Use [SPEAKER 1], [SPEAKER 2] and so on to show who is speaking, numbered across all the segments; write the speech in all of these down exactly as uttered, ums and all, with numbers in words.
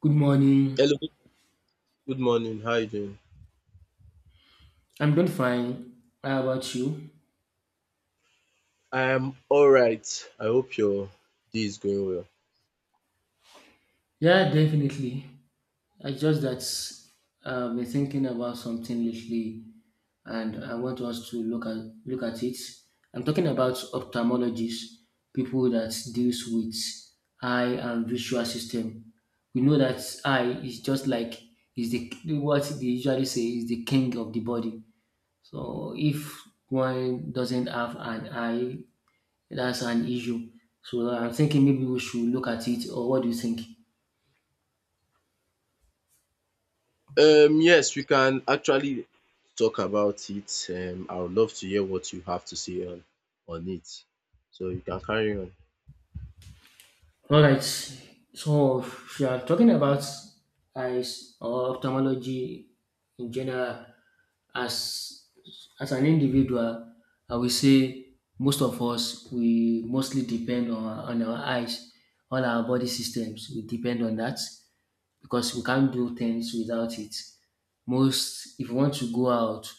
[SPEAKER 1] Good morning.
[SPEAKER 2] Hello, good morning. How you doing?
[SPEAKER 1] I'm doing fine. How about you?
[SPEAKER 2] I am all right. I hope your day is going
[SPEAKER 1] Yeah, definitely. I just that uh, I've been thinking about something lately, and I want us to look at look at it. I'm talking about ophthalmologists, people that deals with eye and visual system. We know that eye is just like, is the, what they usually say is the king of the body. So if one doesn't have an eye, that's an issue. So I'm thinking maybe we should look at it, or what do you think?
[SPEAKER 2] well. Um, yes, we can actually talk about it. Um, I would love to hear what you have to say on on it. So you can carry on.
[SPEAKER 1] All right. So if you are talking about eyes or ophthalmology in general, as as an individual, I will say most of us we mostly depend on on our eyes, all our body systems we depend on that, because we can't do things without it. Most, if you want to go out,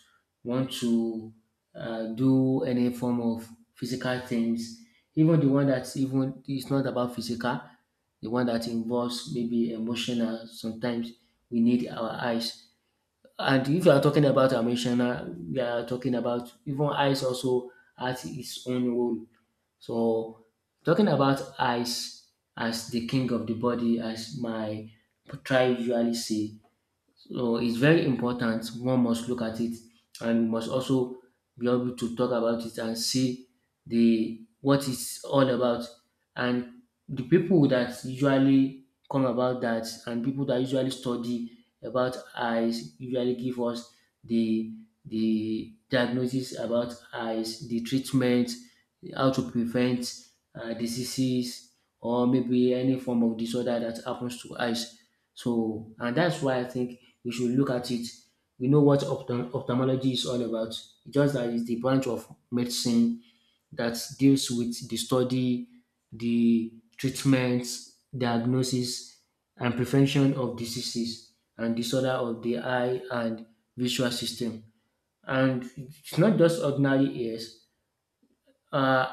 [SPEAKER 1] want to uh, do any form of physical things, even the one that even it's not about physical, the one that involves maybe emotional. Sometimes we need our eyes. And if you are talking about emotional, we are talking about even eyes also has its own role. So talking about eyes as the king of the body, as my tribe usually say, so it's very important. One must look at it and must also be able to talk about it and see the what it's all about. And the people that usually come about that and people that usually study about eyes usually give us the the diagnosis about eyes, the treatment, how to prevent uh, diseases or maybe any form of disorder that happens to eyes. So, and that's why I think we should look at it. We know what opto- ophthalmology is all about. It's just that it's the branch of medicine that deals with the study, the treatment, diagnosis, and prevention of diseases and disorder of the eye and visual system. And it's not just ordinary ears. Uh,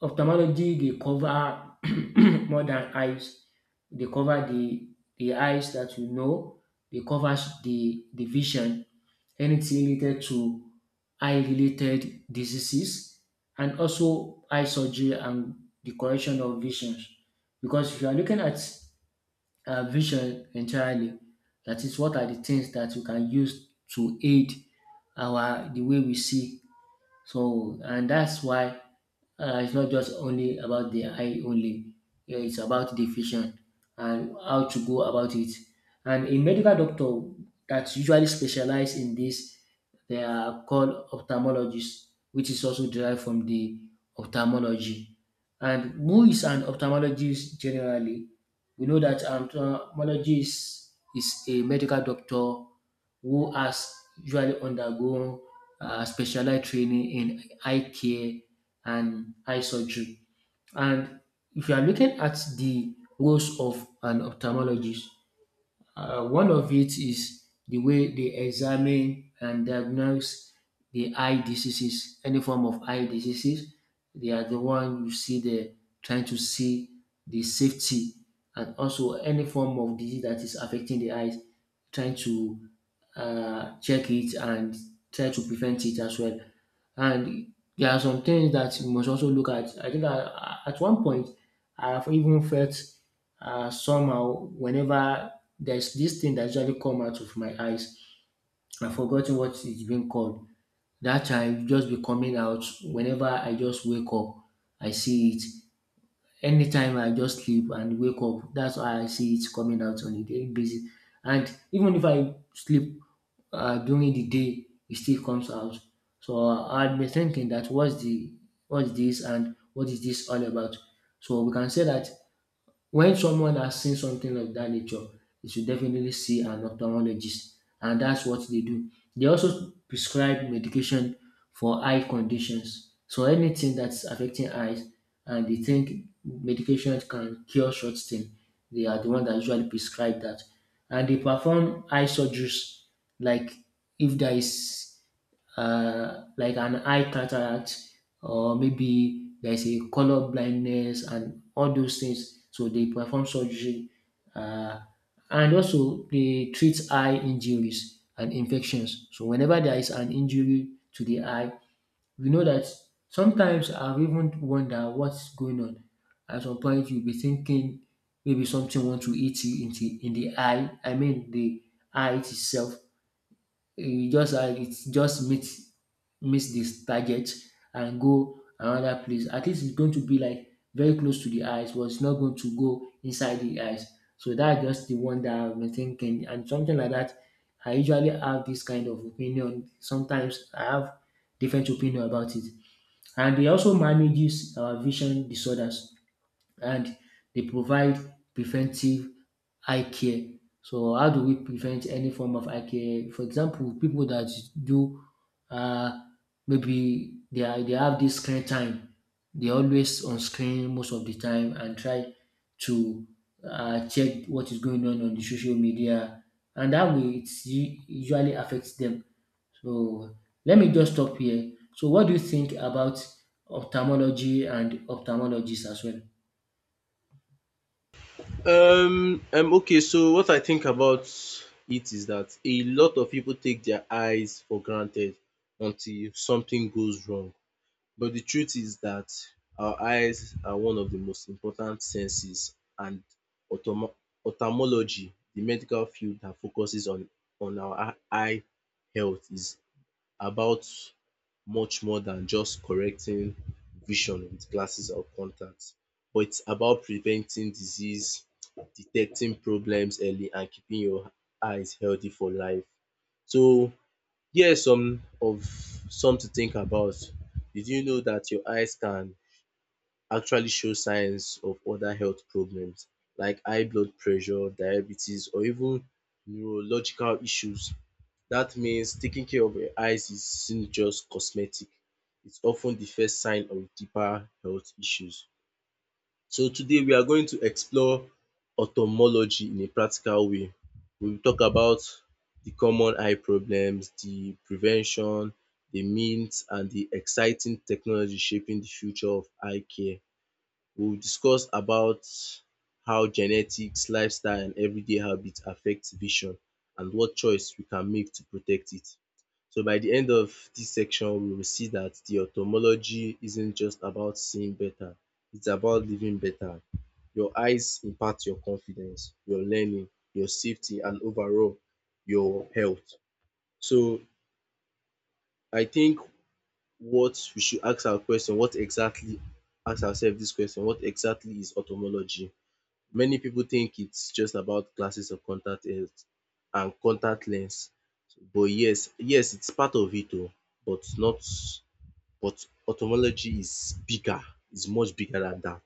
[SPEAKER 1] Ophthalmology they cover more than eyes. They cover the the eyes that we know, dey covers the the vision, anything related to eye related diseases and also eye surgery and the correction of visions. Because if you are looking at um vision entirely, that is what are the things that we can use to aid our the way we see. So and that's why uh, it's not just only about the eye only. Yeah, it's about the vision and how to go about it. And a medical doctor that usually specialize in this, they are called ophthalmologists, which is also derived from the ophthalmology. And who is an ophthalmologist generally? We know that an ophthalmologist is a medical doctor who has usually undergone uh, specialized training in eye care and eye surgery. And if you are looking at the roles of an ophthalmologist, uh, one of it is the way they examine and diagnose the eye diseases, any form of eye diseases. They are the one you see there trying to see the safety and also any form of disease that is affecting the eyes, trying to uh, check it and try to prevent it as well. And there are some things that you must also look at. I think I, at one point, I've even felt uh, somehow whenever there's this thing that usually come out of my eyes, I've forgotten what it's been called. That time just be coming out whenever I just wake up, I see it. Anytime I just sleep and wake up, that's why I see it coming out on a daily basis. And even if I sleep uh, during the day, it still comes out. So I'd be thinking that what's the what's this and what is this all about? So we can say that when someone has seen something of that nature, you should definitely see an ophthalmologist, and that's what they do. They also prescribe medication for eye conditions. So anything that's affecting eyes and they think medication can cure such thing, they are the one that usually prescribe that. And they perform eye surgeries like, if there is uh, like an eye cataract, or maybe there's a color blindness and all those things. So they perform surgery, uh, and also they treat eye injuries and infections. So whenever there is an injury to the eye, we know that sometimes I've even wonder what's going on. At some point, you'll be thinking maybe something want to eat you into in the eye. I mean the eye itself, you just uh, it just meet miss this target and go another place. At least it's going to be like very close to the eyes, but it's not going to go inside the eyes. So that's just the one that I've been thinking, and something like that. I usually have this kind of opinion. Sometimes I have different opinion about it, and they also manages our vision disorders, and they provide preventive eye care. So how do we prevent any form of eye care? For example, people that do uh, maybe they are, they have this screen time. They always on screen most of the time and try to uh, check what is going on on the social media, and that way it usually affects them. So let me just stop here. So what do you think about ophthalmology and ophthalmologists as well?
[SPEAKER 2] Um, um, okay. So what I think about it is that a lot of people take their eyes for granted until something goes wrong. But the truth is that our eyes are one of the most important senses and optomo- ophthalmology, the medical field that focuses on on our eye health is about much more than just correcting vision with glasses or contacts, but it's about preventing disease, detecting problems early and keeping your eyes healthy for life. So here are some of some to think about. Did you know that your eyes can actually show signs of other health problems like high blood pressure, diabetes or even neurological issues? That means taking care of your eyes isn't just cosmetic. It's often the first sign of deeper health issues. So today we are going to explore ophthalmology in a practical way. We will talk about the common eye problems, the prevention, the myths and the exciting technology shaping the future of eye care. We'll discuss about how genetics, lifestyle and everyday habits affect vision and what choice we can make to protect it. So by the end of this section, we will see that the ophthalmology isn't just about seeing better, it's about living better. Your eyes impact your confidence, your learning, your safety and overall your health. So I think what we should ask our question, what exactly ask ourselves this question, what exactly is ophthalmology? Many people think it's just about glasses or contact lens and contact lens, but yes, yes it's part of it oh, but not but ophthalmology is bigger, is much bigger than dat.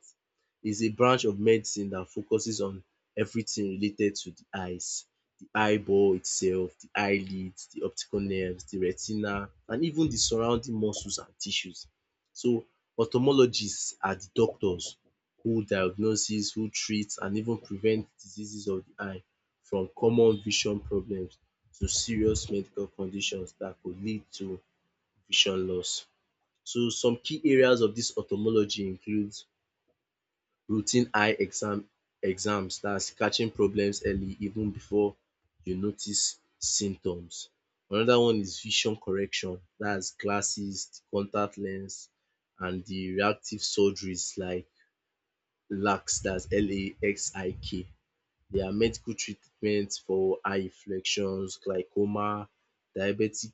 [SPEAKER 2] Is a branch of medicine that focuses on everything related to the eyes. The eyeball itself, the eyelids, the optical nerves, the retina and even the surrounding muscles and tissues. So ophthalmologists are the doctors who diagnoses, who treats, and even prevent diseases of the eye from common vision problems to serious medical conditions that could lead to vision loss. So some key areas of dis ophthalmology includes routine eye exam exams that's catching problems early even before you notice symptoms. Another one is vision correction that's glasses, contact lens and the reactive surgeries like LASIK, that's L A X I K. There are medical treatments for eye infections, glaucoma, diabetic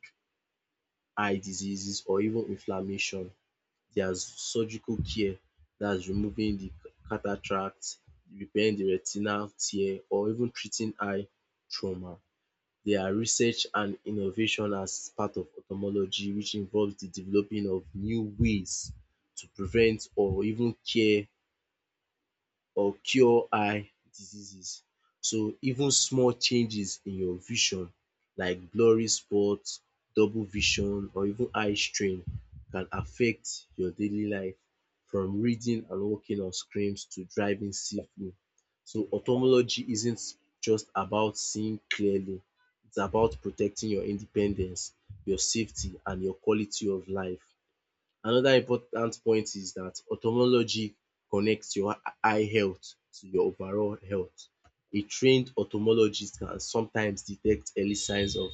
[SPEAKER 2] eye diseases or even inflammation. There's surgical care, that's removing the cataract, repairing the retinal tear or even treating eye trauma. There are research and innovation as part of ophthalmology which involves the developing of new ways to prevent or even cure or cure eye diseases. So even small changes in your vision like blurry spots, double vision or even eye strain can affect your daily life from reading and working on screens to driving safely. So ophthalmology isn't just about seeing clearly, it's about protecting your independence, your safety and your quality of life. Another important point is dat ophthalmology connects your eye health to your overall health. A trained ophthalmologist can sometimes detect early signs of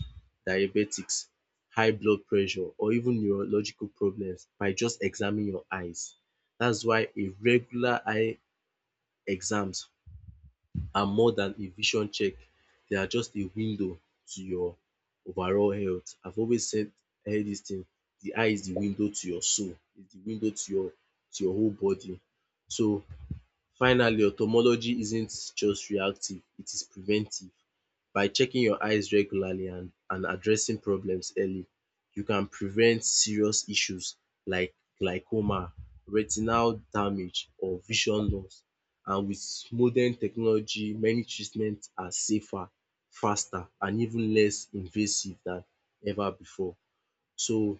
[SPEAKER 2] diabetics, high blood pressure or even neurological problems by just examining your eyes. Dat's why a regular eye exams are more than a vision check. They are just a window to your overall health. I've always said heard dis thing, the eye is the window to your soul, is the window to your to your whole body. So finally, ophthalmology isn't just reactive, it is preventive. By checking your eyes regularly and and addressing problems early, you can prevent serious issues like glaucoma, retinal damage or vision loss. And with modern technology, many treatments are safer, faster and even less invasive than ever before. So,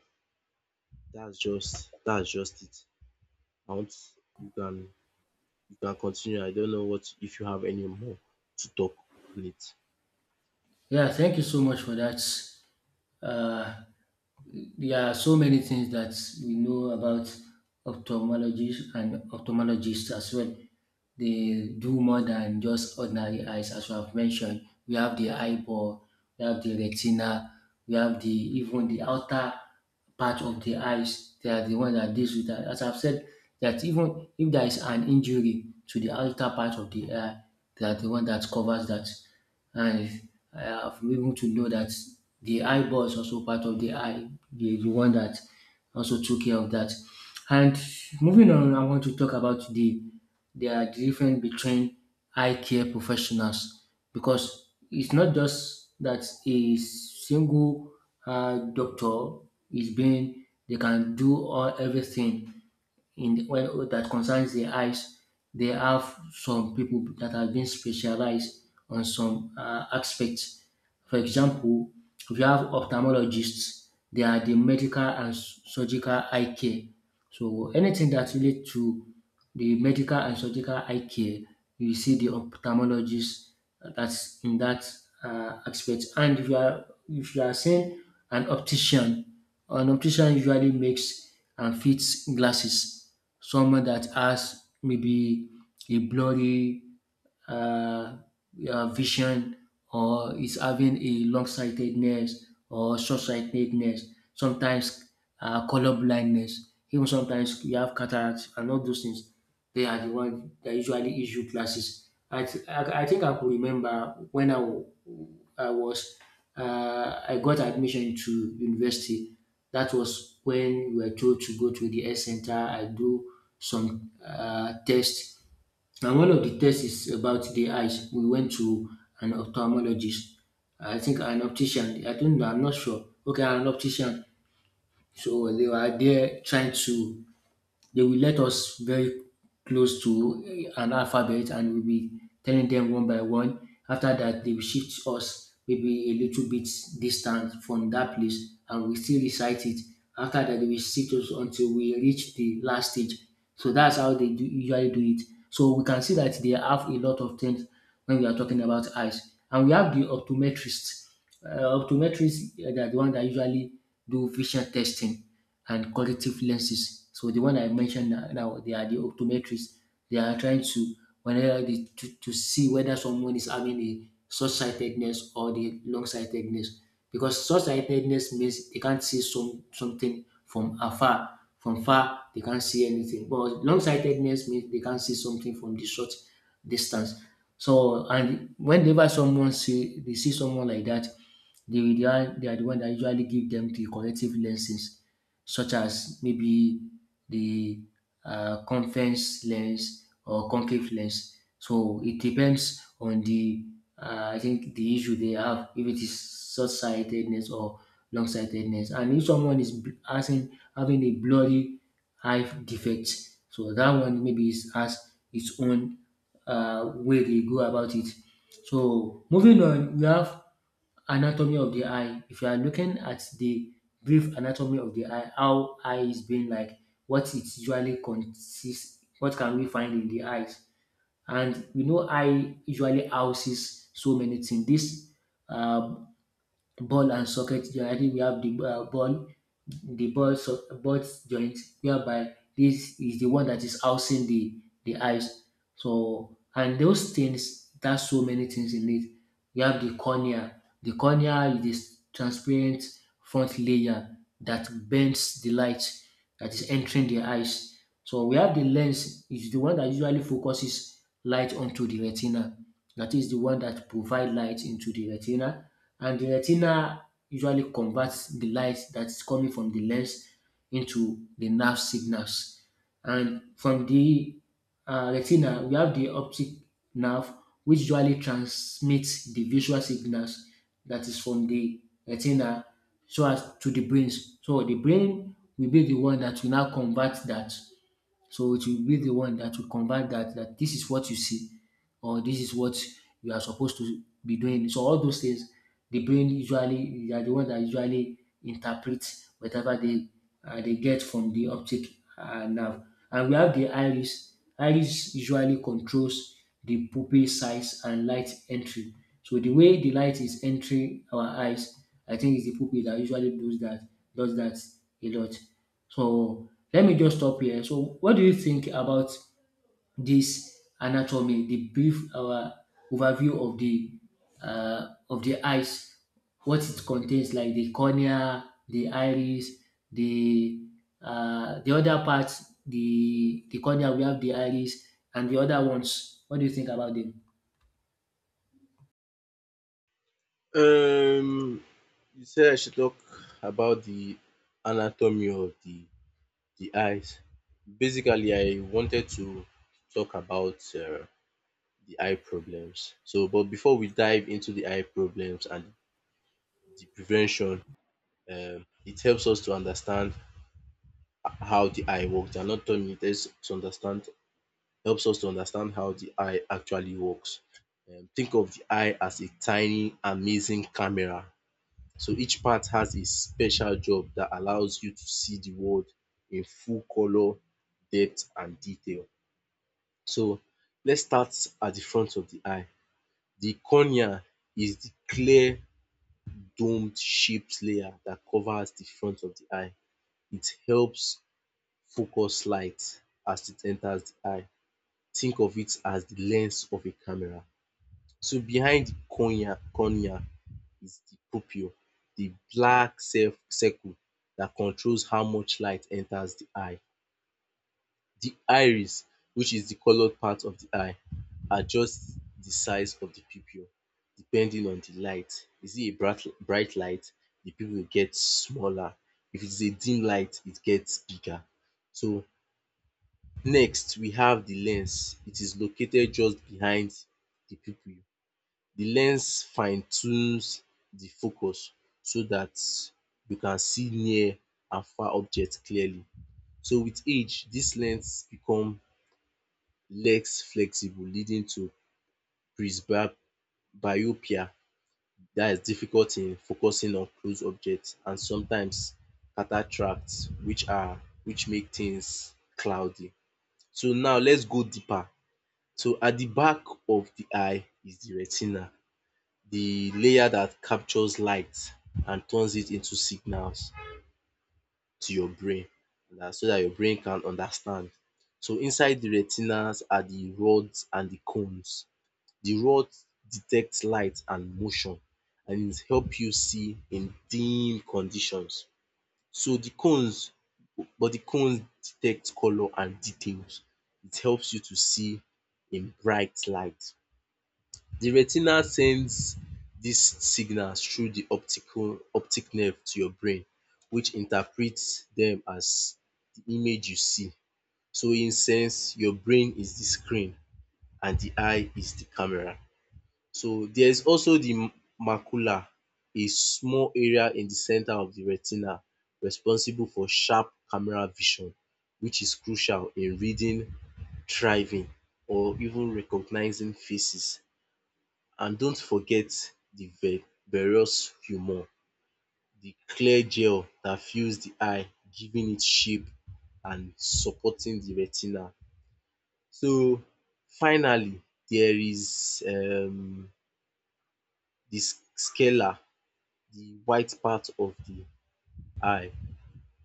[SPEAKER 2] that's just that's just it. I want you can you can continue. I don't know what if you have any more to talk on it.
[SPEAKER 1] Yeah, thank you so much for that. Uh, there are so many things that we know about ophthalmologists and ophthalmologists as well. They do more than just ordinary eyes, as we have mentioned. We have the eyeball, we have the retina, we have the even the outer part of the eyes. They are the one that deals with that. As I've said, that even if there is an injury to the outer part of the eye, they are the one that covers that. And I have been able to know that the eyeball is also part of the eye, the, the one that also took care of that. And moving on, I want to talk about the there are difference between eye care professionals because it's not just that a single uh, doctor is being they can do all everything in the, when that concerns the eyes, they have some people that have been specialized on some uh, aspects. For example, if you have ophthalmologists, they are the medical and s- surgical eye care. So anything that relates to the medical and surgical eye care, you see the ophthalmologist uh, that's in that uh, aspect. And if you are if you are seeing an optician, an optician usually makes and fits glasses. Someone that has maybe a blurry uh, uh, vision or is having a long sightedness or short sightedness, sometimes uh, color blindness, even sometimes you have cataracts and all those things. They are the one that usually issue classes. I, th- I, I think I could remember when I, w- I was uh, I got admission to university. That was when we were told to go to the S center. I do some uh, tests. And one of the tests is about the eyes. We went to an ophthalmologist. I think an optician. I don't know. I'm not sure. Okay, an optician. So they were there trying to, they will let us very close to eh, an alphabet and we'll be telling them one by one. After that, they will shift us maybe a little bit distant from that place and we still recite it. After that, they will shift us until we reach the last stage. So that's how they do, usually do it. So we can see that they have a lot of things when we are talking about eyes. And we have the optometrist. Uh, optometrists, uh, they are the one that usually do vision testing and corrective lenses. So the one I mentioned now, now, they are the optometrists. They are trying to whenever they, to, to see whether someone is having a short sightedness or the long sightedness. Because short sightedness means they can't see some something from afar. From far, they can't see anything. But long sightedness means they can't see something from the short distance. So and whenever someone see they see someone like that, they, they are they are the one that usually give them the corrective lenses such as maybe the uh, convex lens or concave lens. So it depends on the uh, I think the issue they have, if it is short sightedness or long sightedness, and if someone is bl- having having a blurry eye defect, so that one maybe is has its own uh, way they go about it. So moving on, we have anatomy of the eye. If you are looking at the brief anatomy of the eye, how eye is being like, what it usually consists, what can we find in the eyes? And we know eye usually houses so many things. This uh, ball and socket joint. I think we have the uh, ball, the ball, so, ball joint, whereby this is the one that is housing the the eyes. So and those things, that's so many things in it. We have the cornea. The cornea is transparent front layer that bends the light that is entering the eyes. So we have the lens is the one that usually focuses light onto the retina. That is the one that provides light into the retina, and the retina usually converts the light that is coming from the lens into the nerve signals. And from the uh, retina, we have the optic nerve, which usually transmits the visual signals that is from the retina so as to the brains. So the brain will be the one that will now convert that, so it will be the one that will convey that that this is what you see or this is what you are supposed to be doing. So all those things, the brain usually they are the one that usually interprets whatever they uh, they get from the optic uh, nerve. And we have the iris. Iris usually controls the pupil size and light entry. So the way the light is entering our eyes, I think it's the pupil that usually does that, does that a lot. So let me just stop here. So what do you think about this anatomy, the brief uh, overview of the uh, of the eyes, what it contains, like the cornea, the iris, the uh, the other parts, the the cornea we have the iris and the other ones. What do you think about them?
[SPEAKER 2] Um, you said I should talk about the anatomy of the the eyes. Basically, I wanted to talk about uh, the eye problems. So, but before we dive into the eye problems and the prevention, um, it helps us to understand how the eye works. The anatomy it helps us to understand helps us to understand how the eye actually works. Um, think of the eye as a tiny, amazing camera. So each part has a special job that allows you to see the world in full color, depth, and detail. So let's start at the front of the eye. The cornea is the clear, domed shaped layer that covers the front of the eye. It helps focus light as it enters the eye. Think of it as the lens of a camera. So behind cornea cornea is the pupil, the black cir- circle that controls how much light enters the eye. The iris, which is the coloured part of the eye, adjusts the size of the pupil depending on the light. Is it a bright bright light, the pupil gets smaller. If it is a dim light, it gets bigger. So next we have the lens. It is located just behind the pupil. The lens fine tunes the focus so that you can see near and far objects clearly. So with age this lens become less flexible leading to presbyopia, that is difficult in focusing on close objects, and sometimes cataracts, which are which make things cloudy. So now let's go deeper. So at the back of the eye is the retina, the layer that captures light and turns it into signals to your brain, that so that your brain can understand. So inside the retinas are the rods and the cones. The rods detect light and motion and it help you see in dim conditions. So the cones But the cones detect colour and details. It helps you to see in bright light. The retina sends these signals through the optical optic nerve to your brain which interprets them as the image you see. So in sense your brain is the screen and the eye is the camera. So there is also the macula, a small area in the center of the retina responsible for sharp camera vision which is crucial in reading, driving or even recognizing faces. And don't forget the ve- various humor, the clear gel that fills the eye, giving it shape and supporting the retina. So finally, there is um the scella, the white part of the eye.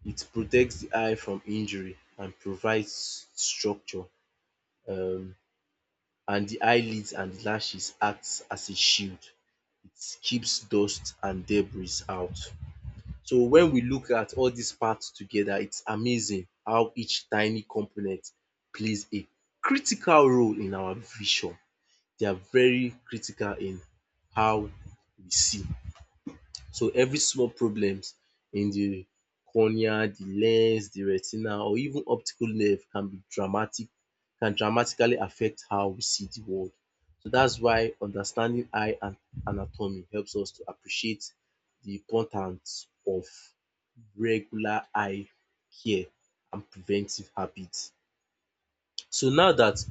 [SPEAKER 2] It protects the eye from injury and provides structure. Um and the eyelids and lashes acts as a shield. It keeps dust and debris out. So when we look at all these parts together, it's amazing how each tiny component plays a critical role in our vision. They are very critical in how we see. So every small problems in the cornea, the lens, the retina or even optical nerve can be dramatic can dramatically affect how we see the world. So that's why understanding eye anatomy helps us to appreciate the importance of regular eye care and preventive habits. So now that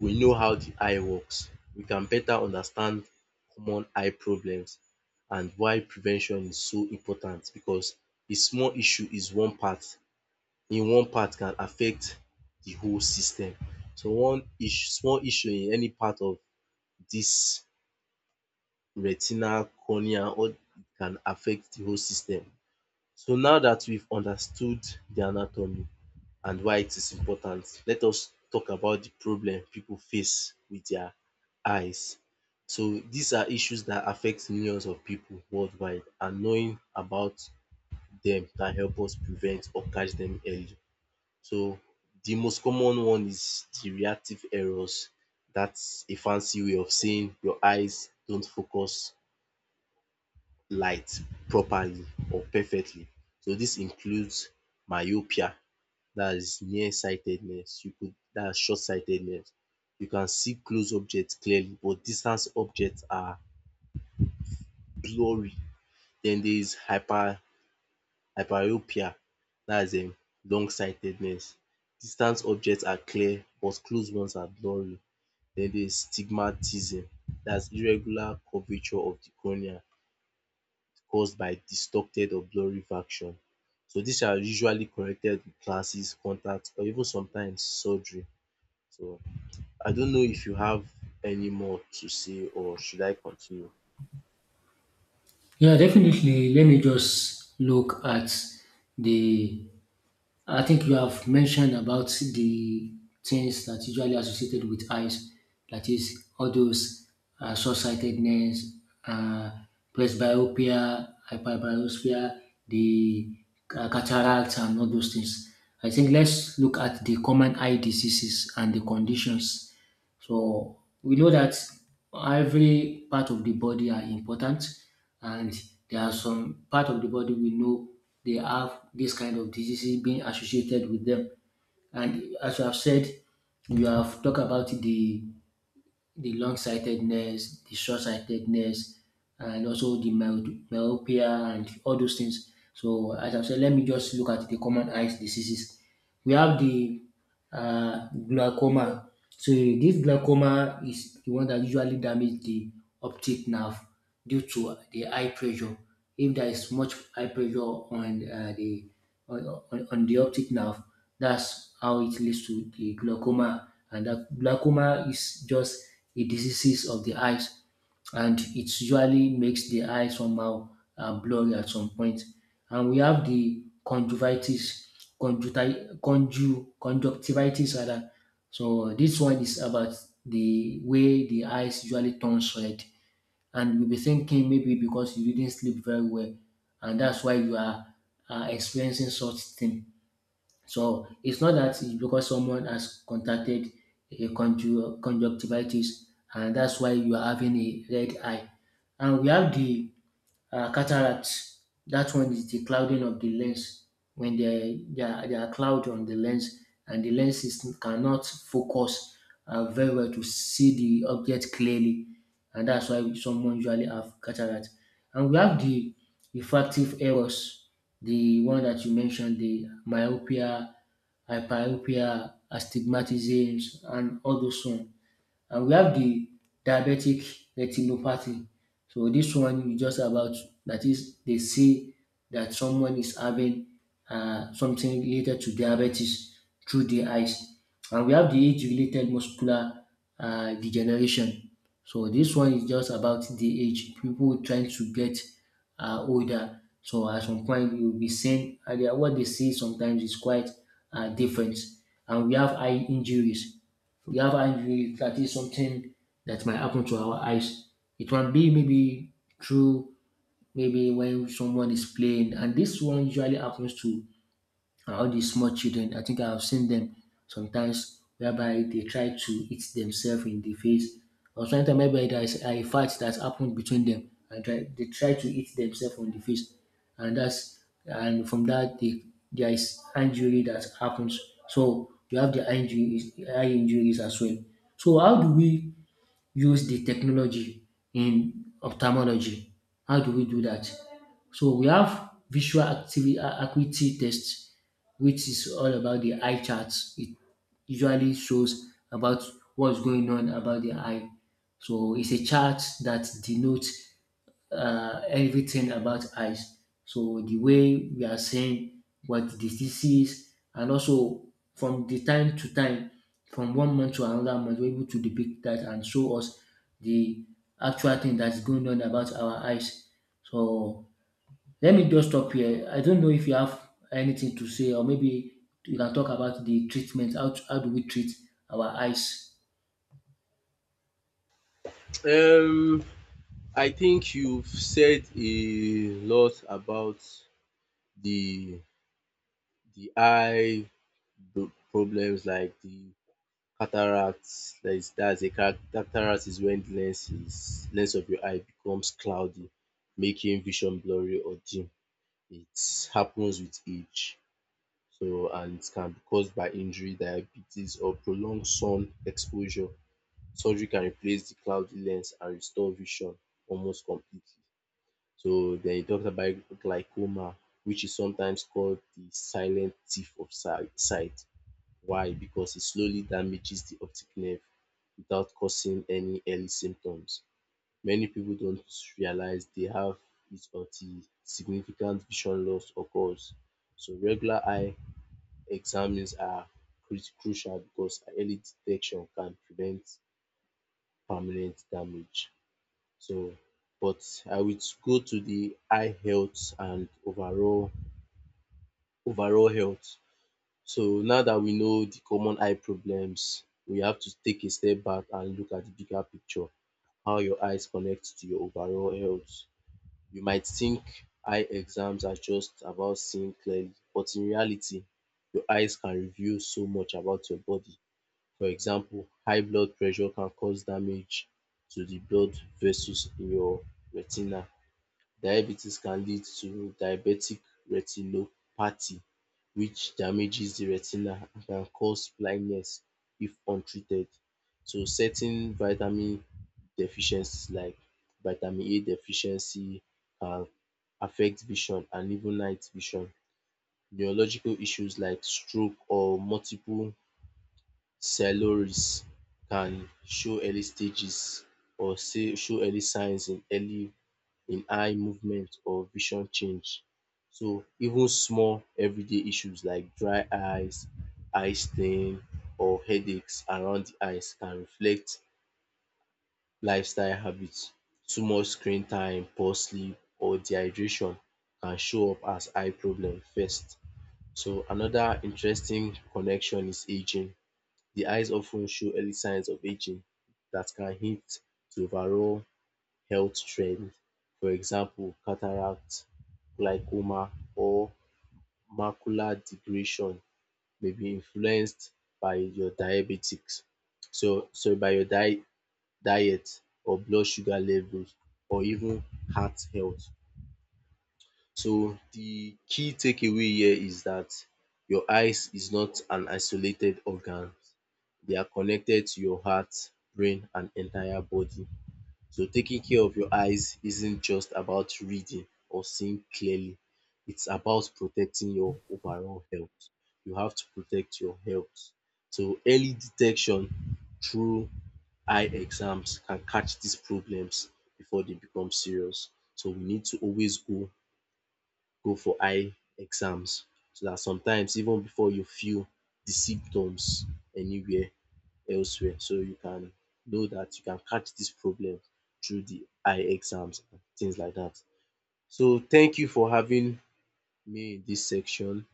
[SPEAKER 2] we know how the eye works, we can better understand common eye problems and why prevention is so important because a small issue is one part in one part can affect the whole system. So one issue, small issue in any part of this retina, cornea all can affect the whole system. So now that we've understood the anatomy, and why it is important. Let us talk about the problem people face with their eyes. So these are issues that affect millions of people worldwide and knowing about them can help us prevent or catch them early. So the most common one is the reactive errors. That's a fancy way of saying your eyes don't focus light properly or perfectly. So this includes myopia, that's nearsightedness. You could that's short-sightedness. You can see close objects clearly, but distance objects are blurry. Then there is hyper hyperopia. That's um long-sightedness. Distance objects are clear, but close ones are blurry. Then there is stigmatism. That's irregular curvature of the cornea caused by distorted or blurry vacuole. So these are usually corrected with glasses, contacts or even sometimes surgery. So I don't know if you have any more to say or should I continue?
[SPEAKER 1] Yeah, definitely. Let me just look at the, I think you have mentioned about the things that usually associated with eyes, that is, all those uh, short-sightedness, uh, presbyopia, hyperbiospia, the uh, cataracts, and all those things. I think let's look at the common eye diseases and the conditions so we know that every part of the body are important, and there are some part of the body we know they have this kind of diseases being associated with them. And as you have said, you have talked about the the long-sightedness, the short-sightedness, and also the myo- myopia and all those things. So as I said, let me just look at the common eye diseases. We have the uh, glaucoma. So this glaucoma is the one that usually damage the optic nerve due to the eye pressure. If there is much eye pressure on uh, the on, on, on the optic nerve, that's how it leads to the glaucoma, and that glaucoma is just a disease of the eyes, and it usually makes the eye somehow uh, blurry at some point. And we have the conjunctivitis, conjuncti- conju- conjunctivitis rather. So this one is about the way the eyes usually turns red, and you'll be thinking maybe because you didn't sleep very well, and that's why you are uh, experiencing such thing. So it's not that, it's because someone has contracted a conju- conjunctivitis and that's why you are having a red eye. And we have the uh, cataract. That one is the clouding of the lens. When there, there, there are cloud on the lens and the lens is, cannot focus uh, very well to see the object clearly. And that's why someone usually have cataract. And we have the refractive errors, the one that you mentioned, the myopia, hyperopia, astigmatism, and all those one. And we have the diabetic retinopathy. So this one is just about, that is they say that someone is having uh, something related to diabetes through the eyes. And we have the age-related muscular uh, degeneration. So this one is just about the age. People trying to get uh, older. So at some point you'll be seeing uh, they- what they see sometimes is quite uh, different. And we have eye injuries, we have injury, that is something that might happen to our eyes. It can be maybe through, maybe when someone is playing, and this one usually happens to, and all these small children, I think I have seen them sometimes whereby they try to hit themselves in the face. Or sometimes maybe there is a fight that happened between them and try, they try to hit themselves on the face. And that's, and from that they, there is injury that happens. So you have the injuries, eye injuries as well. So how do we use the technology in ophthalmology. How do we do that? So we have visual activity, acuity tests, which is all about the eye charts. It usually shows about what's going on about the eye. So it's a chart that denotes uh, everything about eyes. So the way we are saying what the disease, and also from the time to time, from one month to another month, we're able to depict that and show us the actual thing that's going on about our eyes. So let me just stop here. I don't know if you have anything to say, or maybe you can talk about the treatment. How, how do we treat our eyes?
[SPEAKER 2] Um, I think you've said a lot about the the eye pro- problems like the cataracts. That is, that's a car- cataract is when the lens is lens of your eye becomes cloudy, making vision blurry or dim. It happens with age. So and it can be caused by injury, diabetes, or prolonged sun exposure. Surgery can replace the cloudy lens and restore vision almost completely. So then he talks about glaucoma, which is sometimes called the silent thief of si- sight. Why? Because it slowly damages the optic nerve without causing any early symptoms. Many people don't realize they have it until significant vision loss occurs. So regular eye examines are cru- crucial because early detection can prevent permanent damage. So, but I would go to the eye health and overall overall health. So now that we know the common eye problems, we have to take a step back and look at the bigger picture. How your eyes connect to your overall health. You might think eye exams are just about seeing clearly, but in reality, your eyes can reveal so much about your body. For example, high blood pressure can cause damage to the blood vessels in your retina. Diabetes can lead to diabetic retinopathy which damages the retina and can cause blindness if untreated. So certain vitamin deficiencies like vitamin A deficiency can affect vision and even night vision. Neurological issues like stroke or multiple sclerosis can show early stages or say show early signs in early in eye movement or vision change. So even small everyday issues like dry eyes, eye strain or headaches around the eyes can reflect lifestyle habits. Too much screen time, poor sleep or dehydration can show up as eye problem first. So another interesting connection is aging. The eyes often show early signs of aging that can hint to overall health trends, for example cataract, glaucoma or macular degeneration may be influenced by your diabetics so so by your diet diet or blood sugar levels or even heart health. So the key takeaway here is that your eyes is not an isolated organ, they are connected to your heart, brain and entire body. So taking care of your eyes isn't just about reading or seeing clearly. It's about protecting your overall health. You have to protect your health. So early detection through eye exams can catch these problems before they become serious. So we need to always go go for eye exams so that sometimes even before you feel the symptoms anywhere elsewhere. So you can know that you can catch this problem through the eye exams and things like that. So thank you for having me in this section.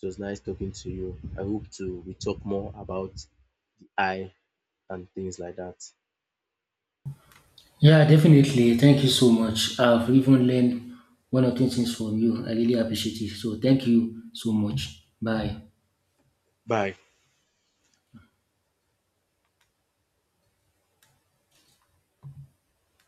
[SPEAKER 2] It was nice talking to you. I hope to we talk more about the eye and things like that.
[SPEAKER 1] Yeah, definitely. Thank you so much. I've even learned one or two things from you. I really appreciate it. So thank you so much. Bye.
[SPEAKER 2] Bye.